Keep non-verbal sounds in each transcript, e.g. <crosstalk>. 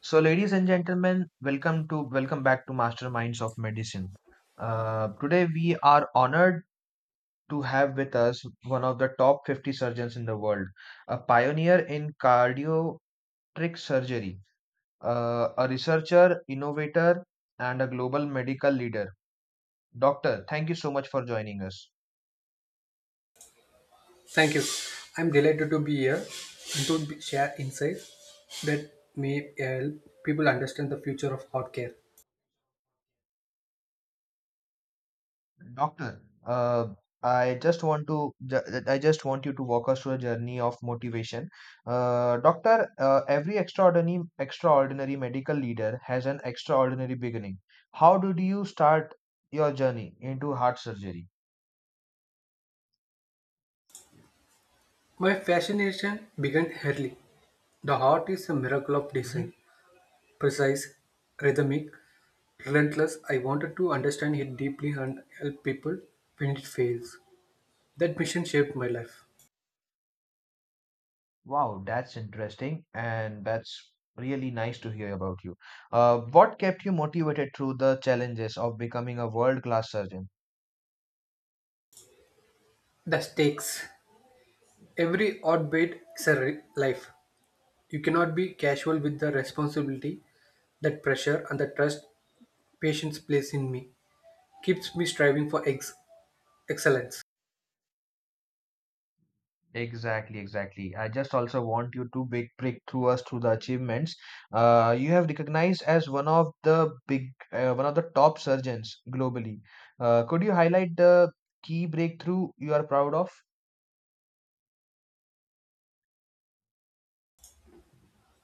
So, ladies and gentlemen, welcome back to Masterminds of Medicine. Today, we are honored to have with us one of the top 50 surgeons in the world, a pioneer in cardiac surgery, a researcher, innovator, and a global medical leader. Doctor, thank you so much for joining us. Thank you. I'm delighted to be here and to be- share insights that may help people understand the future of art care. Doctor, I just I just want you to walk us through a journey of motivation. Doctor, every extraordinary medical leader has an extraordinary beginning. How did you start your journey into heart surgery? My fascination began early. The heart is a miracle of Mhm. design, precise, rhythmic, relentless. I wanted to understand it deeply and help people when it fails. That mission shaped my life. Wow, that's interesting, and that's really nice to hear about you. What kept you motivated through the challenges of becoming a world-class surgeon? The stakes. Every odd bit is a life. You cannot be casual with the responsibility, that pressure, and the trust patients place in me. Keeps me striving for excellence. Exactly, exactly. I just also want you to big break through us through the achievements. You have recognized as one of the big, one of the top surgeons globally. Could you highlight the key breakthrough you are proud of?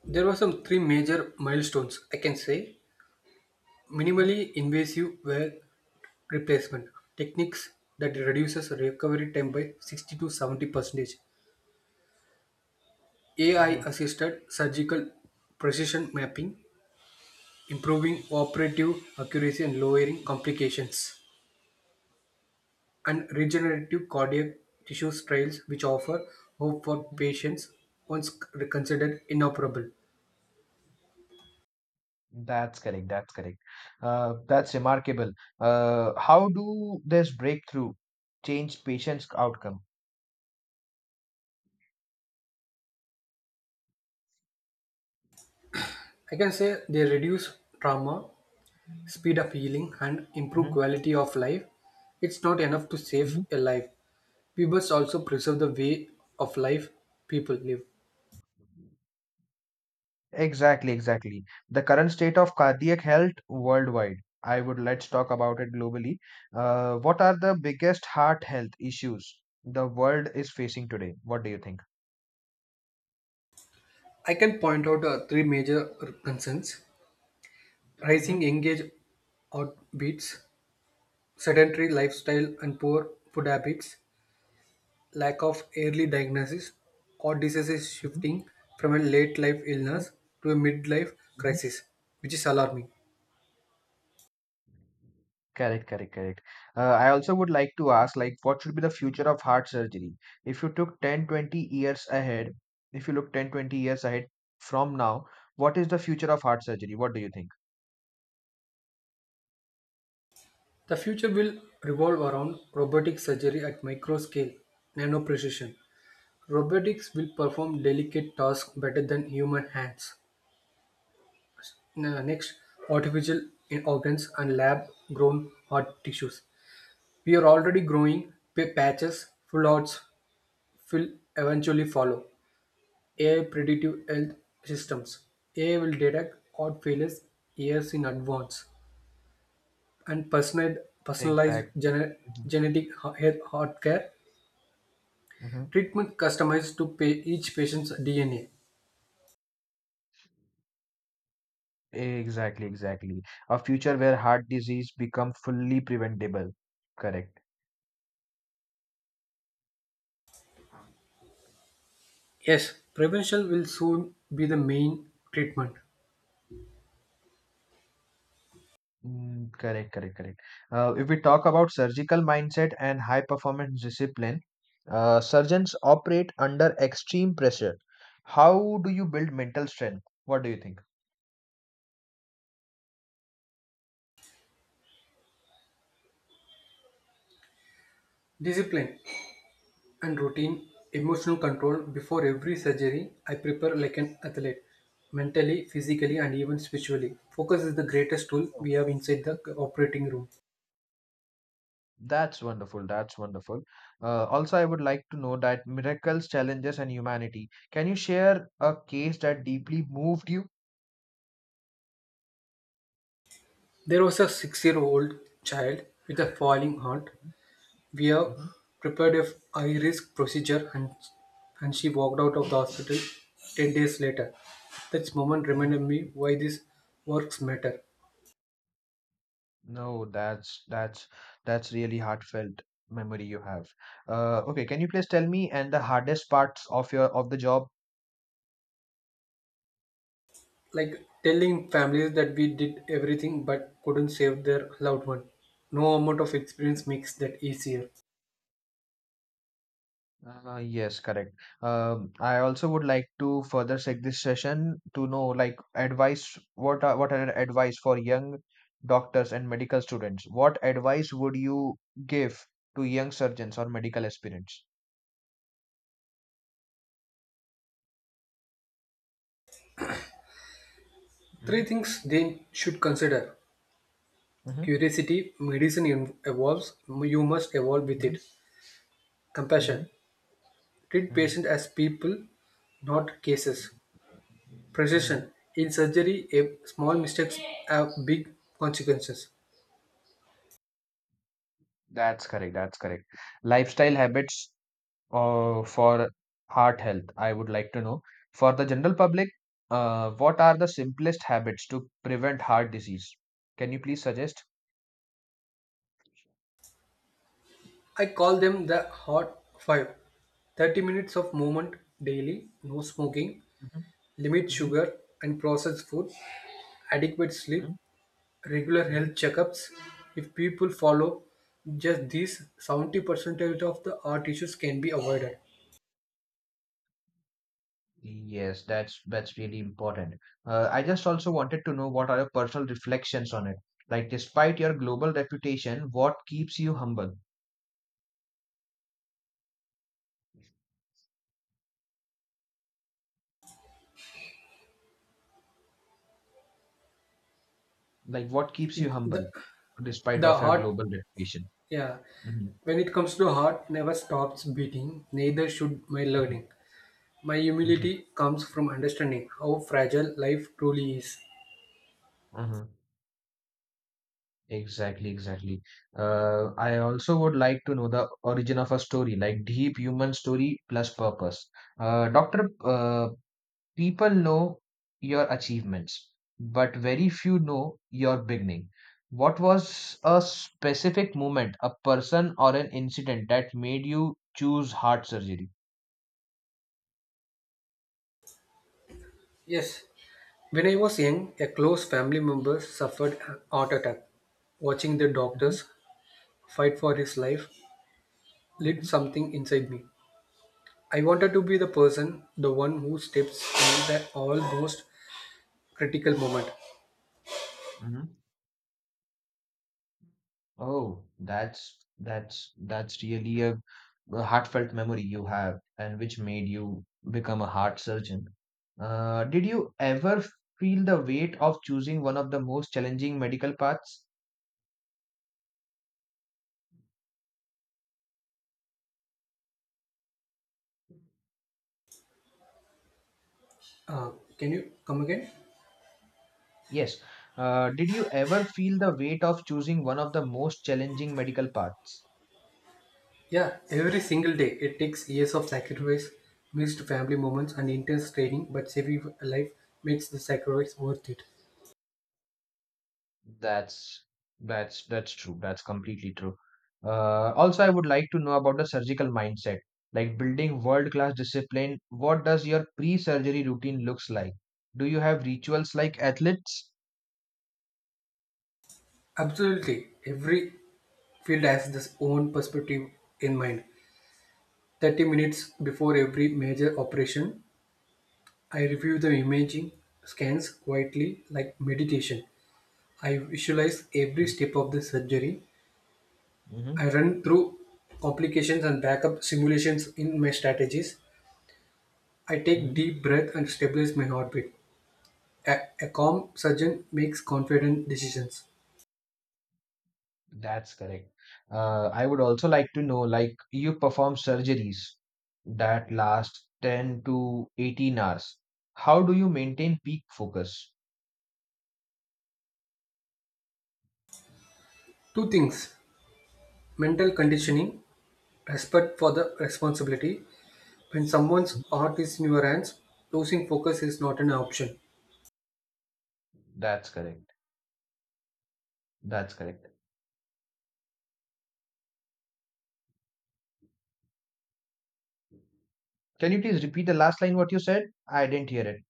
There were some three major milestones I can say. Mhm, Minimally invasive wear replacement techniques that reduces recovery time by 60 to 70 percentage. AI mhm, assisted surgical precision mapping, improving operative accuracy and lowering complications. And regenerative cardiac tissue trials which offer hope for mhm. patients once considered inoperable. That's correct. That's correct. That's remarkable. How do this breakthrough change patients' outcome? I can say they reduce trauma, speed up healing and improve quality of life. It's not enough to save Mhm. a life. We must also preserve the way of life people live. Exactly, exactly. The current state of cardiac health worldwide. I would Let's talk about it globally. What are the biggest heart health issues the world is facing today? What do you think? I can point out three major concerns: rising Hmm, engage outbeats, sedentary lifestyle and poor food habits, lack of early diagnosis, or diseases hmm, shifting from a late life hmm, illness to a midlife hmm. crisis, which is alarming. Correct, correct, correct. I also would like to ask, like, what should be the future of heart surgery? If you took 10, 20 years ahead, if you look 10, 20 years ahead from now, what is the future of heart surgery? What do you think? The future will revolve around robotic surgery at micro scale, nano precision. Robotics will perform delicate tasks better than human hands. Next, artificial organs and lab grown heart tissues. We are already growing patches, full hearts will eventually follow. AI predictive health systems. AI will detect heart failures years in advance and personalized Exactly. Genetic heart care. Treatment customized to pay each patient's DNA. Exactly, exactly. A future where heart disease become fully preventable. Correct. Yes, prevention will soon be the main treatment. Mm, correct, correct, correct. If we talk about surgical mindset and high performance discipline, surgeons operate under extreme pressure. How do you build mental strength? What do you think? Discipline and routine, emotional control before every surgery. I prepare like an athlete, mentally, physically, and even spiritually. Focus is the greatest tool Oh, we have inside the operating room. that's wonderful. That's wonderful. Also, I would like to know that miracles, challenges, and humanity. Can you share a case that deeply moved you? There was a 6 year old child with a falling heart. We have Mhm, prepared a high risk procedure and she walked out of the hospital 10 days later. That moment mhm. reminded me why these works matter. No, that's really heartfelt memory you have. Okay, can you please tell me and the hardest parts of your of the job? Like telling families that we did everything but couldn't save their loved one. No amount of experience makes that easier. Yes, correct. I also would like to further take this session to know like advice. What are advice for young doctors and medical students? What advice would you give to young surgeons or medical aspirants? Hmm, Three things they should consider. hmm, Curiosity, medicine evolves, you must evolve with hmm, it. Compassion, hmm, treat patients as people, not cases. hmm. Precision. In surgery, a small mistakes have big consequences. That's correct. That's correct. Lifestyle habits for heart health, I would like to know. For the general public, what are the simplest habits to prevent heart disease? Can you please suggest? I call them the hot five. 30 minutes of movement daily, no smoking, Mhm, limit mhm, sugar and processed food, adequate sleep, mhm, regular mhm. health checkups. If people follow just these, 70% of the heart issues can be avoided. Yes, that's really important. I just also wanted to know what are your personal reflections on it. Like, despite your global reputation, what keeps you humble? Like, what keeps you humble The, despite the of your heart, global reputation? yeah. Mm-hmm. When it comes to heart, never stops beating, neither should my learning. My humility comes from understanding how fragile life truly is. Mm-hmm. Exactly, exactly. I also would like to know the origin of a story, like deep human story plus purpose. Doctor, people know your achievements, but very few know your beginning. What was a specific moment, a person, or an incident that made you choose heart surgery? Yes, when I was young, a close family member suffered a heart attack. Watching the Hmm, doctors fight for his life lit something inside me. I wanted to be the person, the one who steps in the almost critical moment. hmm. Oh, that's really a heartfelt memory you have, and which made you become a heart surgeon. Did you ever feel the weight of choosing one of the most challenging medical paths? Uh, can you come again? Yes. Did you ever feel the weight of choosing one of the most challenging medical paths? Yeah, every single day it takes years of sacrifice, missed family moments, and intense training, but saving a life makes the sacrifice worth it. That's that's true. That's completely true. Also, I would like to know about the surgical mindset, like building world-class discipline. What does your pre-surgery routine looks like? Do you have rituals like athletes? Absolutely. Every field has its own perspective in mind. 30 minutes before every major operation, I review the imaging scans quietly like meditation. I visualize every step of the surgery. Hmm, I run through complications and backup simulations in my strategies. I take hmm. deep breath and stabilize my heartbeat. A calm surgeon makes confident decisions. That's correct. I would also like to know, like you perform surgeries that last 10 to 18 hours. How do you maintain peak focus? Two things: mental Mhm. conditioning, respect for the responsibility. When someone's art is in your hands, losing focus is not an option. That's correct. That's correct. Can you please repeat the last line what you said? I didn't hear it.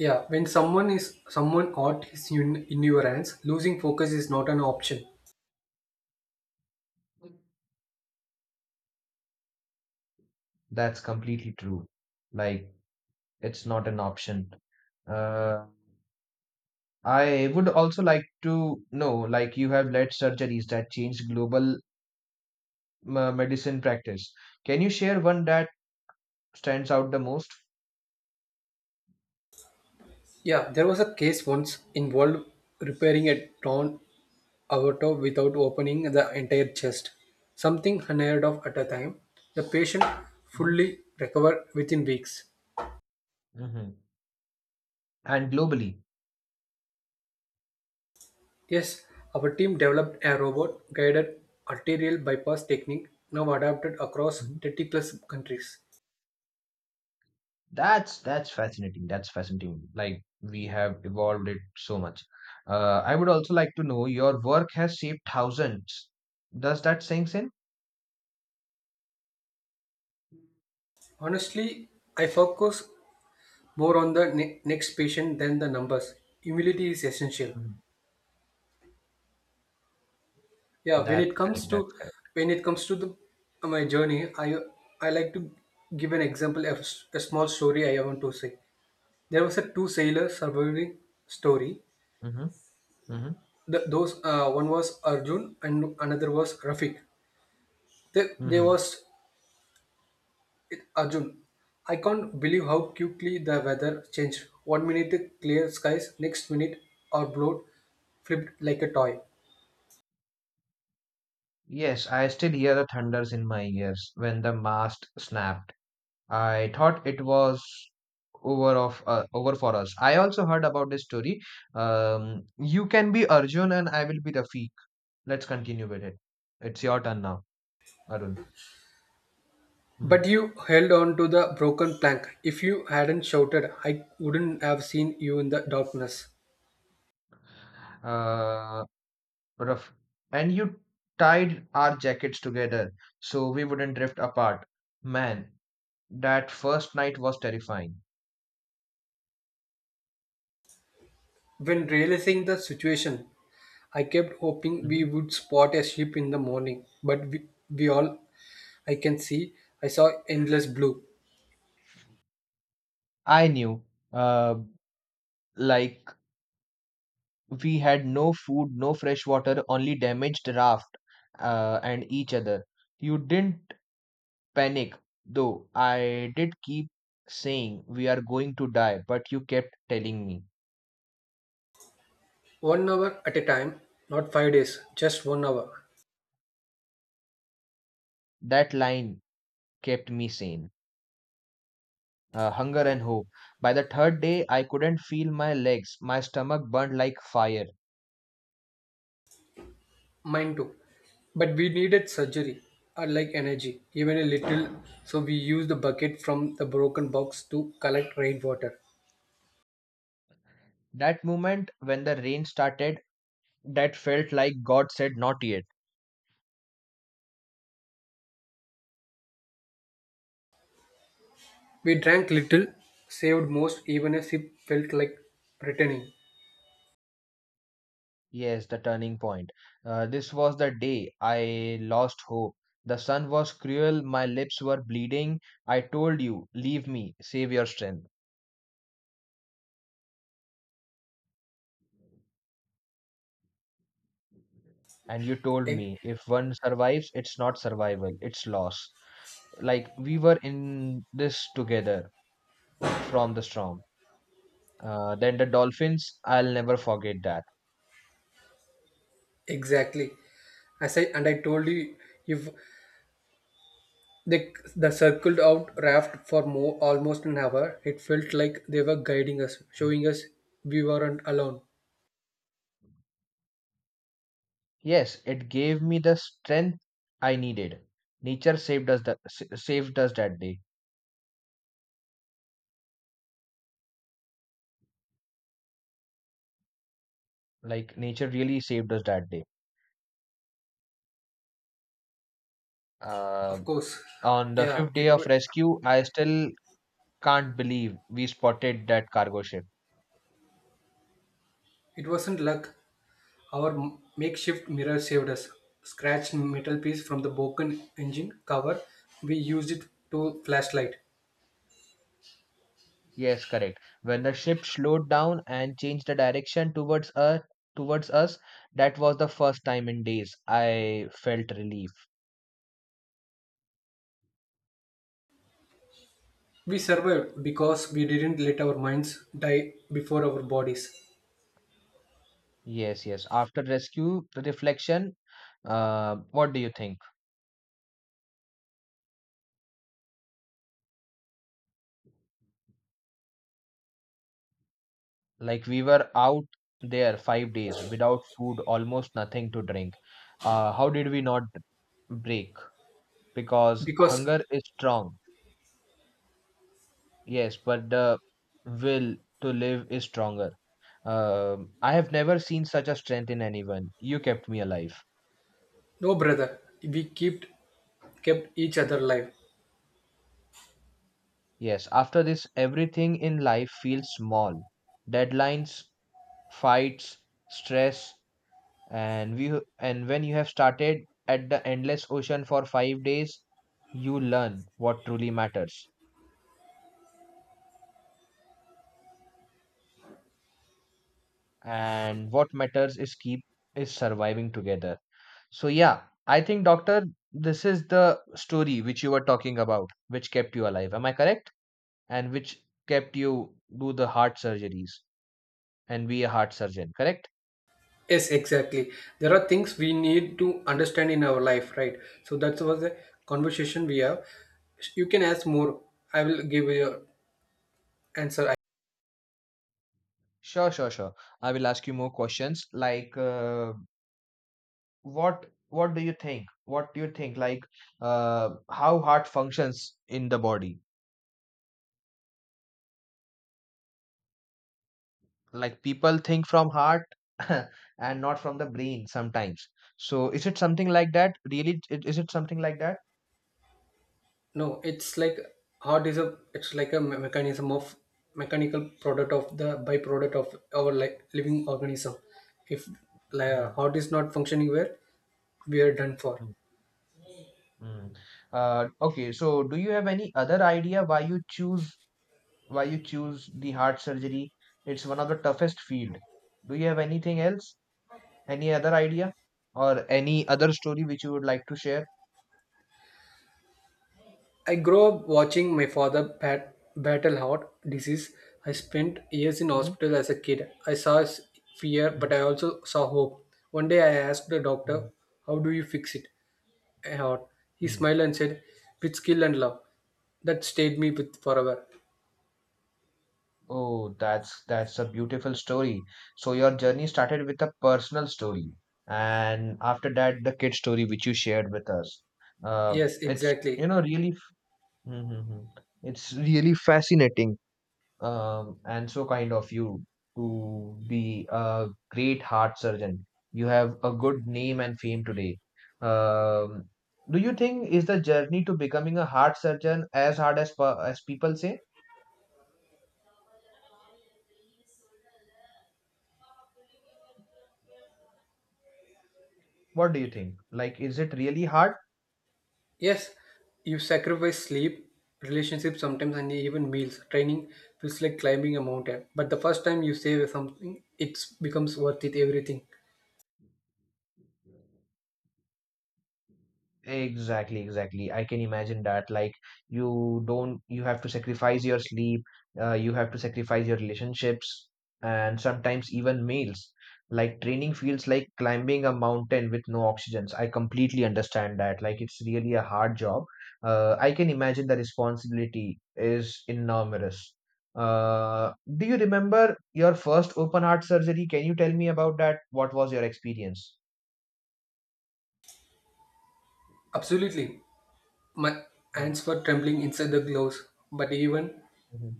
Yeah, when someone is someone art is in your hands, losing focus is not an option. That's completely true. Like, it's not an option. Uh, I would also like to know, like, you have led surgeries that changed global medicine practice. Can you share one that stands out the most? Yeah, there was a case once involved repairing a torn aorta without opening the entire chest, something unheard of at a time. The patient fully recovered within weeks. Hmm. And globally. Yes, our team developed a robot guided arterial bypass technique now adapted across 30 plus countries. That's fascinating. That's fascinating. Like we have evolved it so much. I would also like to know your work has shaped thousands. Does that sink in? Honestly, I focus more on the next patient than the numbers. Humility is essential. Mhm. Yeah, when it That's correct. comes That's to correct. when it comes to the my journey, I like to give an example of a small story I want to say. There was a two sailor surviving story. Mm-hmm. Mm-hmm. The, those one was Arjun and another was Rafiq. They, they Mm-hmm. was Arjun, I can't believe how quickly the weather changed. 1 minute clear skies, next minute our boat flipped like a toy. Yes, I still hear the thunders in my ears when the mast snapped. I thought it was over for us. I also heard about this story. You can be Arjun and I will be Rafiq. Let's continue with it. It's your turn now, Arun. But Mhm. you held on to the broken plank. If you hadn't shouted, I wouldn't have seen you in the darkness. Uh, Rough. And you tied our jackets together so we wouldn't drift apart. Man, that first night was terrifying. When realizing the situation, I kept hoping we Mhm. would spot a ship in the morning, but we all I can see, I saw endless blue. I knew. Uh, like we had no food, no fresh water, only damaged raft, and each other. You didn't panic, though. I did keep saying we are going to die, but you kept telling me. 1 hour at a time, not 5 days, just 1 hour. That line kept me sane. Hunger and hope. By the 3rd day, I couldn't feel my legs. My stomach burned like fire. Mine too. But we needed surgery, or like energy, even a little. So we used the bucket from the broken box to collect rainwater. That moment when the rain started, that felt like God said, not yet. We drank little, saved most, even a sip felt like returning. Yes, the turning point. This was the day I lost hope. The sun was cruel, my lips were bleeding. I told you, leave me, save your strength. And you told E- me, if one survives, it's not survival, it's loss. Like we were in this together from the storm. Then the Dolphins, I'll never forget that. Exactly. As I told you, if they the circled out raft for more almost an hour, it felt like they were guiding us, showing us we weren't alone. Yes, it gave me the strength I needed. Nature saved us that day. Like nature really saved us that day. Uh, Of course, on the yeah, 5th day of rescue, I still can't believe we spotted that cargo ship. it wasn't luck. Our makeshift mirror saved us. Scratched metal piece from the broken engine cover, we used it to flashlight. Yes, correct. When the ship slowed down and changed the direction towards us, towards us, that was the first time in days I felt relief. We survived because we didn't let our minds die before our bodies. Yes, yes. After rescue reflection, what do you think? Like we were out there 5 days without food, almost nothing to drink. How did we not break? Because Because hunger is strong, yes, but the will to live is stronger. I have never seen such a strength in anyone. You kept me alive. no brother, we kept each other alive. Yes, after this, everything in life feels small. Deadlines, fights, stress, and when you have started at the endless ocean for 5 days, you learn what truly matters, and what matters is keep is surviving together. So, yeah, I think, doctor, this is the story which you were talking about, which kept you alive, am I correct? And which kept you do the heart surgeries and be a heart surgeon, correct? Yes, exactly. There are things we need to understand in our life, right? So that was the conversation we have. You can ask more. I will give you answer. Sure, sure, sure. I will ask you more questions like what do you think, how heart functions in the body? Like people think from heart <laughs> and not from the brain sometimes. So is it something like that? Really, is it something like that? No, it's like heart is a it's like a mechanism of mechanical product of the byproduct of our like living organism. If like, Mhm, heart is not functioning well, we are done for. mm, mm. Okay, so do you have any other idea why you choose the heart surgery? It's one of the toughest field. Do you have anything else, any other idea or any other story which you would like to share? I grew up watching my father battle heart disease. I spent years in Mhm, hospital as a kid. I saw fear, mhm, but I also saw hope. One day I asked the doctor, mhm. "How do you fix it? A heart." He Mm. smiled and said, "With skill and love." That stayed me with forever. Oh, that's a beautiful story. So your journey started with a personal story, and after that, the kid story which you shared with us. Uh, Yes, it's you exactly. know really, Mhm, mhm. It's really fascinating, and so kind of you to be a great heart surgeon. You have a good name and fame today. Um, do you think is the journey to becoming a heart surgeon as as people say? What do you think? Like, is it really hard? Yes, you sacrifice sleep, relationships sometimes, and even meals. Training feels like climbing a mountain. But the first time you save something, it becomes worth it, everything. Exactly, exactly. I can imagine that. Like, you don't, you have to sacrifice your sleep, you have to sacrifice your relationships, and sometimes even meals. Like, training feels like climbing a mountain with no oxygen. I completely understand that. Like, it's really a hard job. I can imagine the responsibility is enormous. Do you remember your first open heart surgery? Can you tell me about that? What was your experience? Absolutely. My hands were trembling inside the gloves. But even Mhm.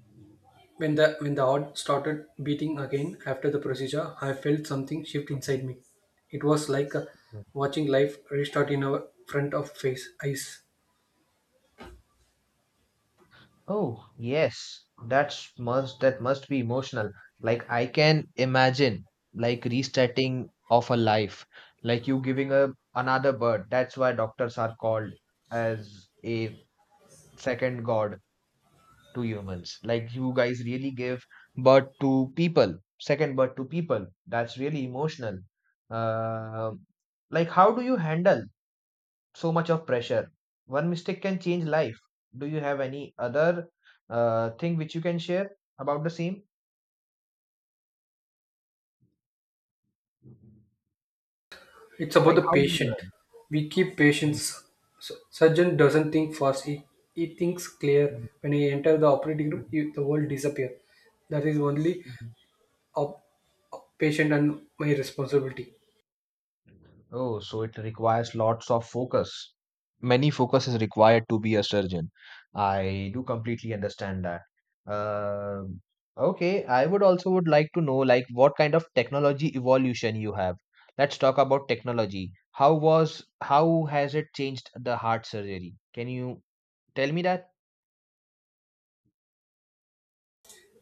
when the heart started beating again after the procedure, I felt something shift inside me. It was like watching life restart in our front of face, eyes. Oh, yes. That must be emotional. Like I can imagine like restarting of a life, like you giving a another birth. That's why doctors are called as a second god to humans. Like you guys really give birth to people, second birth to people. That's really emotional. Uh, like how do you handle so much of pressure. One mistake can change life. Do you have any other thing which you can share about the same? It's about Like the how do you patient. learn? We keep Mhm, patients. Surgeon doesn't think first. He thinks clear. mhm, When he enter the operating room, he, the world disappear. That is only mhm. a, a patient and my responsibility. Oh, so it requires lots of focus. Many focus is required to be a surgeon. I do completely understand that. Um okay, I would also would like to know like what kind of technology evolution you have. Let's talk about technology. How has it changed the heart surgery? Can you tell me that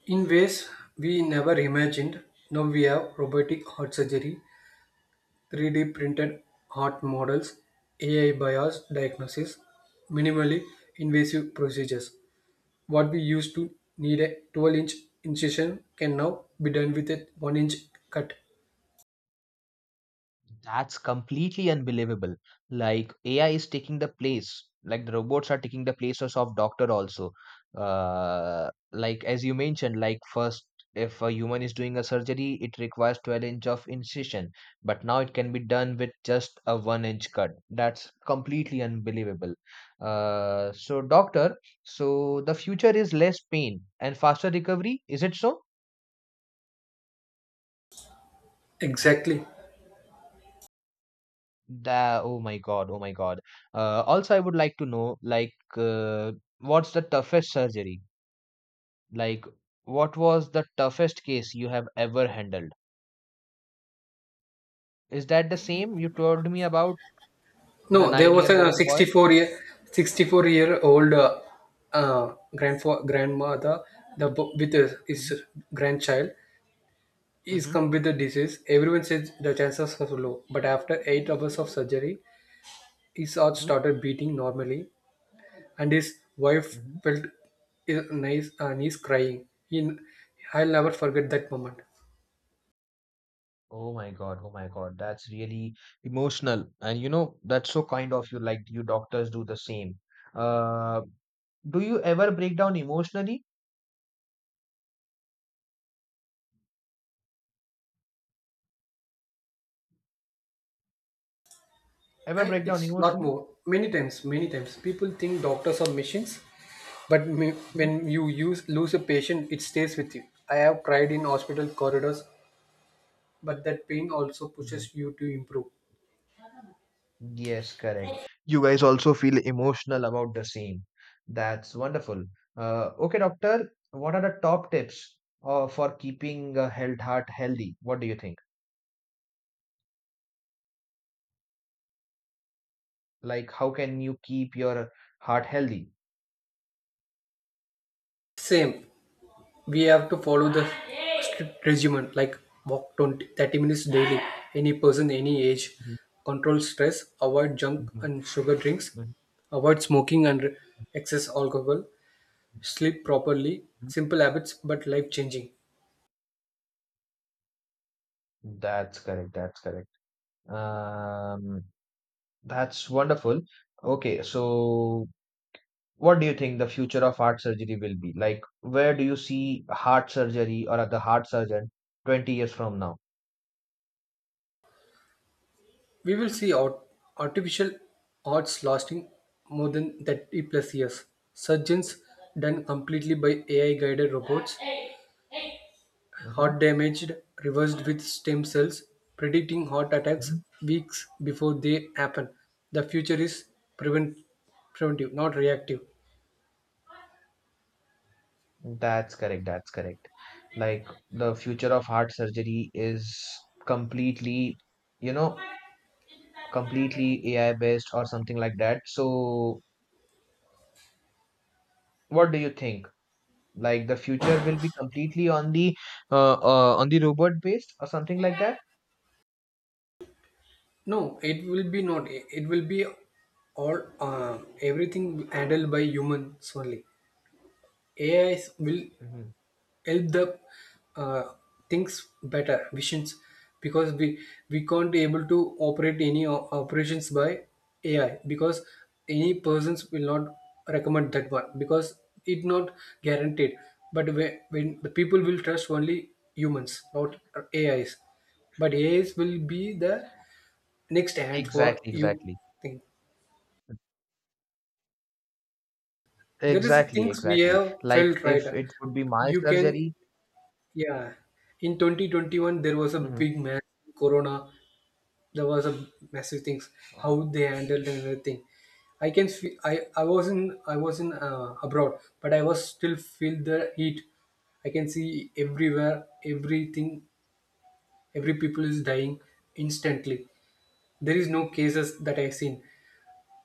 In ways we never imagined, now we have robotic heart surgery, 3D printed heart models, AI bias diagnosis, minimally invasive procedures. What we used to need a 12-inch incision can now be done with a 1-inch cut. that's Completely unbelievable. Like AI is taking the place, like the robots are taking the places of doctor also. Like as you mentioned, like first if a human is doing a surgery, it requires 12 inch of incision, but now it can be done with just a 1 inch cut. That's completely unbelievable. So doctor, so the future is less pain and faster recovery. Is it so? Exactly. That, oh my God, oh my God. Also, I would like to know, like, what's the toughest surgery? Like, what was the toughest case you have ever handled? Is that the same you told me about the No, there was a 9-year-old boy? 64-year-old grandmother the with his, Mm-hmm, his grandchild. He's mm-hmm, come with the disease. Everyone says the chances are low, but after 8 hours of surgery, his heart mm-hmm, started beating normally and his wife mm-hmm. felt his nice knees crying. He, I'll never forget that moment. Oh my God, that's really emotional. And that's so kind of you, like, you doctors do the same. Uh, do you ever break down emotionally? Ever I, break down it's a lot emotionally? more. Many times, people think doctors are machines, but me, when you use lose a patient, it stays with you. I have cried in hospital corridors, but that pain also Mm-hmm. pushes you to improve. Yes, correct. You guys also feel emotional about the same. That's wonderful. Okay, doctor, what are the top tips for keeping a health heart healthy? What do you think? Like, how can you keep your heart healthy? Same, we have to follow the strict regimen like walk 20, 30 minutes daily. Any person, any age, Mhm, control stress, avoid junk mhm, and sugar drinks, mhm, avoid smoking and excess alcohol, sleep properly. mhm. Simple habits, but life changing. That's correct. That's correct. Um, that's wonderful. Okay, so what do you think the future of heart surgery will be? Like, where do you see heart surgery or the heart surgeon 20 years from now? We will see artificial arts lasting more than 30 plus years. Surgeons done completely by AI guided robots, Mm-hmm. heart damaged, reversed with stem cells, predicting heart Mm-hmm. attacks weeks before they happen. The future is prevent- preventive, not reactive. That's correct. That's correct. Like the future of heart surgery is completely, you know, completely AI based or something like that. So, what do you think? Like the future will be completely on the robot based or something like that? No, it will be not. It will be all everything handled by humans only. AI will Mm-hmm. help the uh, things better visions because we can't be able to operate any operations by AI, because any persons will not recommend that one because it not guaranteed. But when the people will trust only humans not AIs, but AIs will be the next hand for Exactly. you Exactly. thing. There is Exactly. things we Exactly. have Like felt if right, it would be my you can. surgery. Yeah, in 2021 there was a Mm-hmm. big mess, Corona. There was a massive things how they handled and everything. I can feel I was in abroad, but I was still feel the heat. I can see everywhere, everything, every people is dying instantly. There is no cases that I've seen.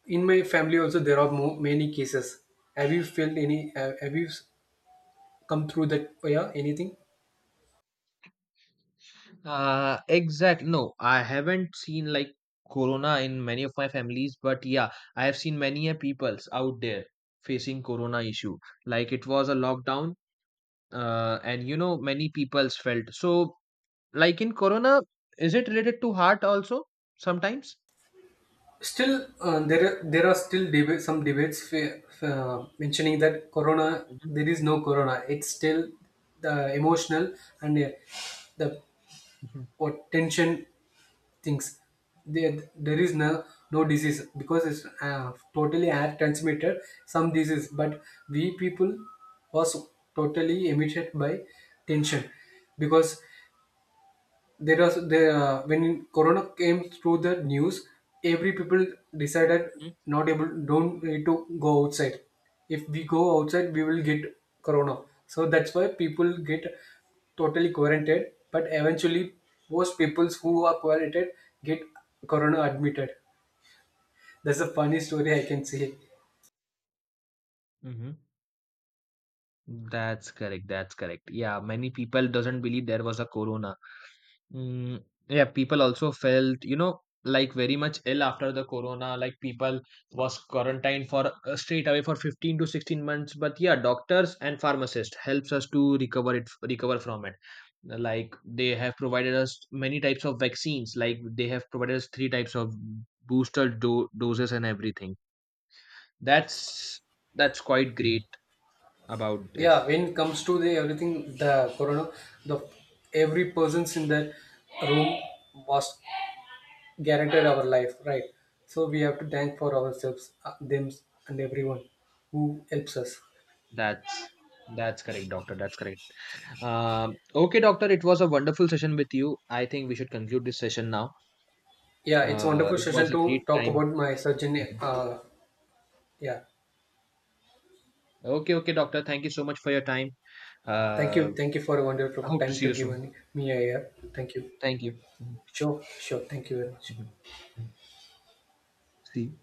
In my family also there are more, many cases. Have you felt any? Have you come through that? Yeah, anything? Exact. No, I haven't seen like corona in many of my families, but yeah, I have seen many a peoples out there facing corona issue. Like it was a lockdown, and you know many peoples felt. So like in corona, is it related to heart also sometimes? Still, there are still debate some debates mentioning that corona Mhm, there is no corona. It's still the emotional and the mhm, what tension things. There is no disease because it's totally air transmitted some disease, but we people was totally emitted by tension, because there was the when corona came through the news every people decided mhm, not able don't need to go outside. If we go outside we will get corona, so that's why people get totally quarantined, but eventually most peoples who are quarantined get corona admitted. That's a funny story I can say. mhm. That's correct. That's correct. Yeah, many people doesn't believe there was a corona. Mm, yeah, people also felt, like very much ill after the corona. Like people was quarantined for straight away for 15 to 16 months. But yeah, doctors and pharmacists helps us to recover it, recover from it. Like they have provided us many types of vaccines. Like they have provided us three types of booster do doses and everything. That's that's quite great about it. Yeah, when it comes to the everything, the corona, the every persons in that room was guaranteed our life, right? So we have to thank for ourselves, them, and everyone who helps us. That's that's correct, doctor. That's correct. Okay, doctor, it was a wonderful session with you. I think we should conclude this session now. Yeah, it's a wonderful It session was a to great talk time. about my surgery. Mhm. Yeah, Okay, okay, doctor. Thank you so much for your time. thank Uh, you, for a wonderful I hope to time see to you give soon. me here. Thank you. Thank you. Mhm. Sure, sure. Thank you very much. Mhm. See you.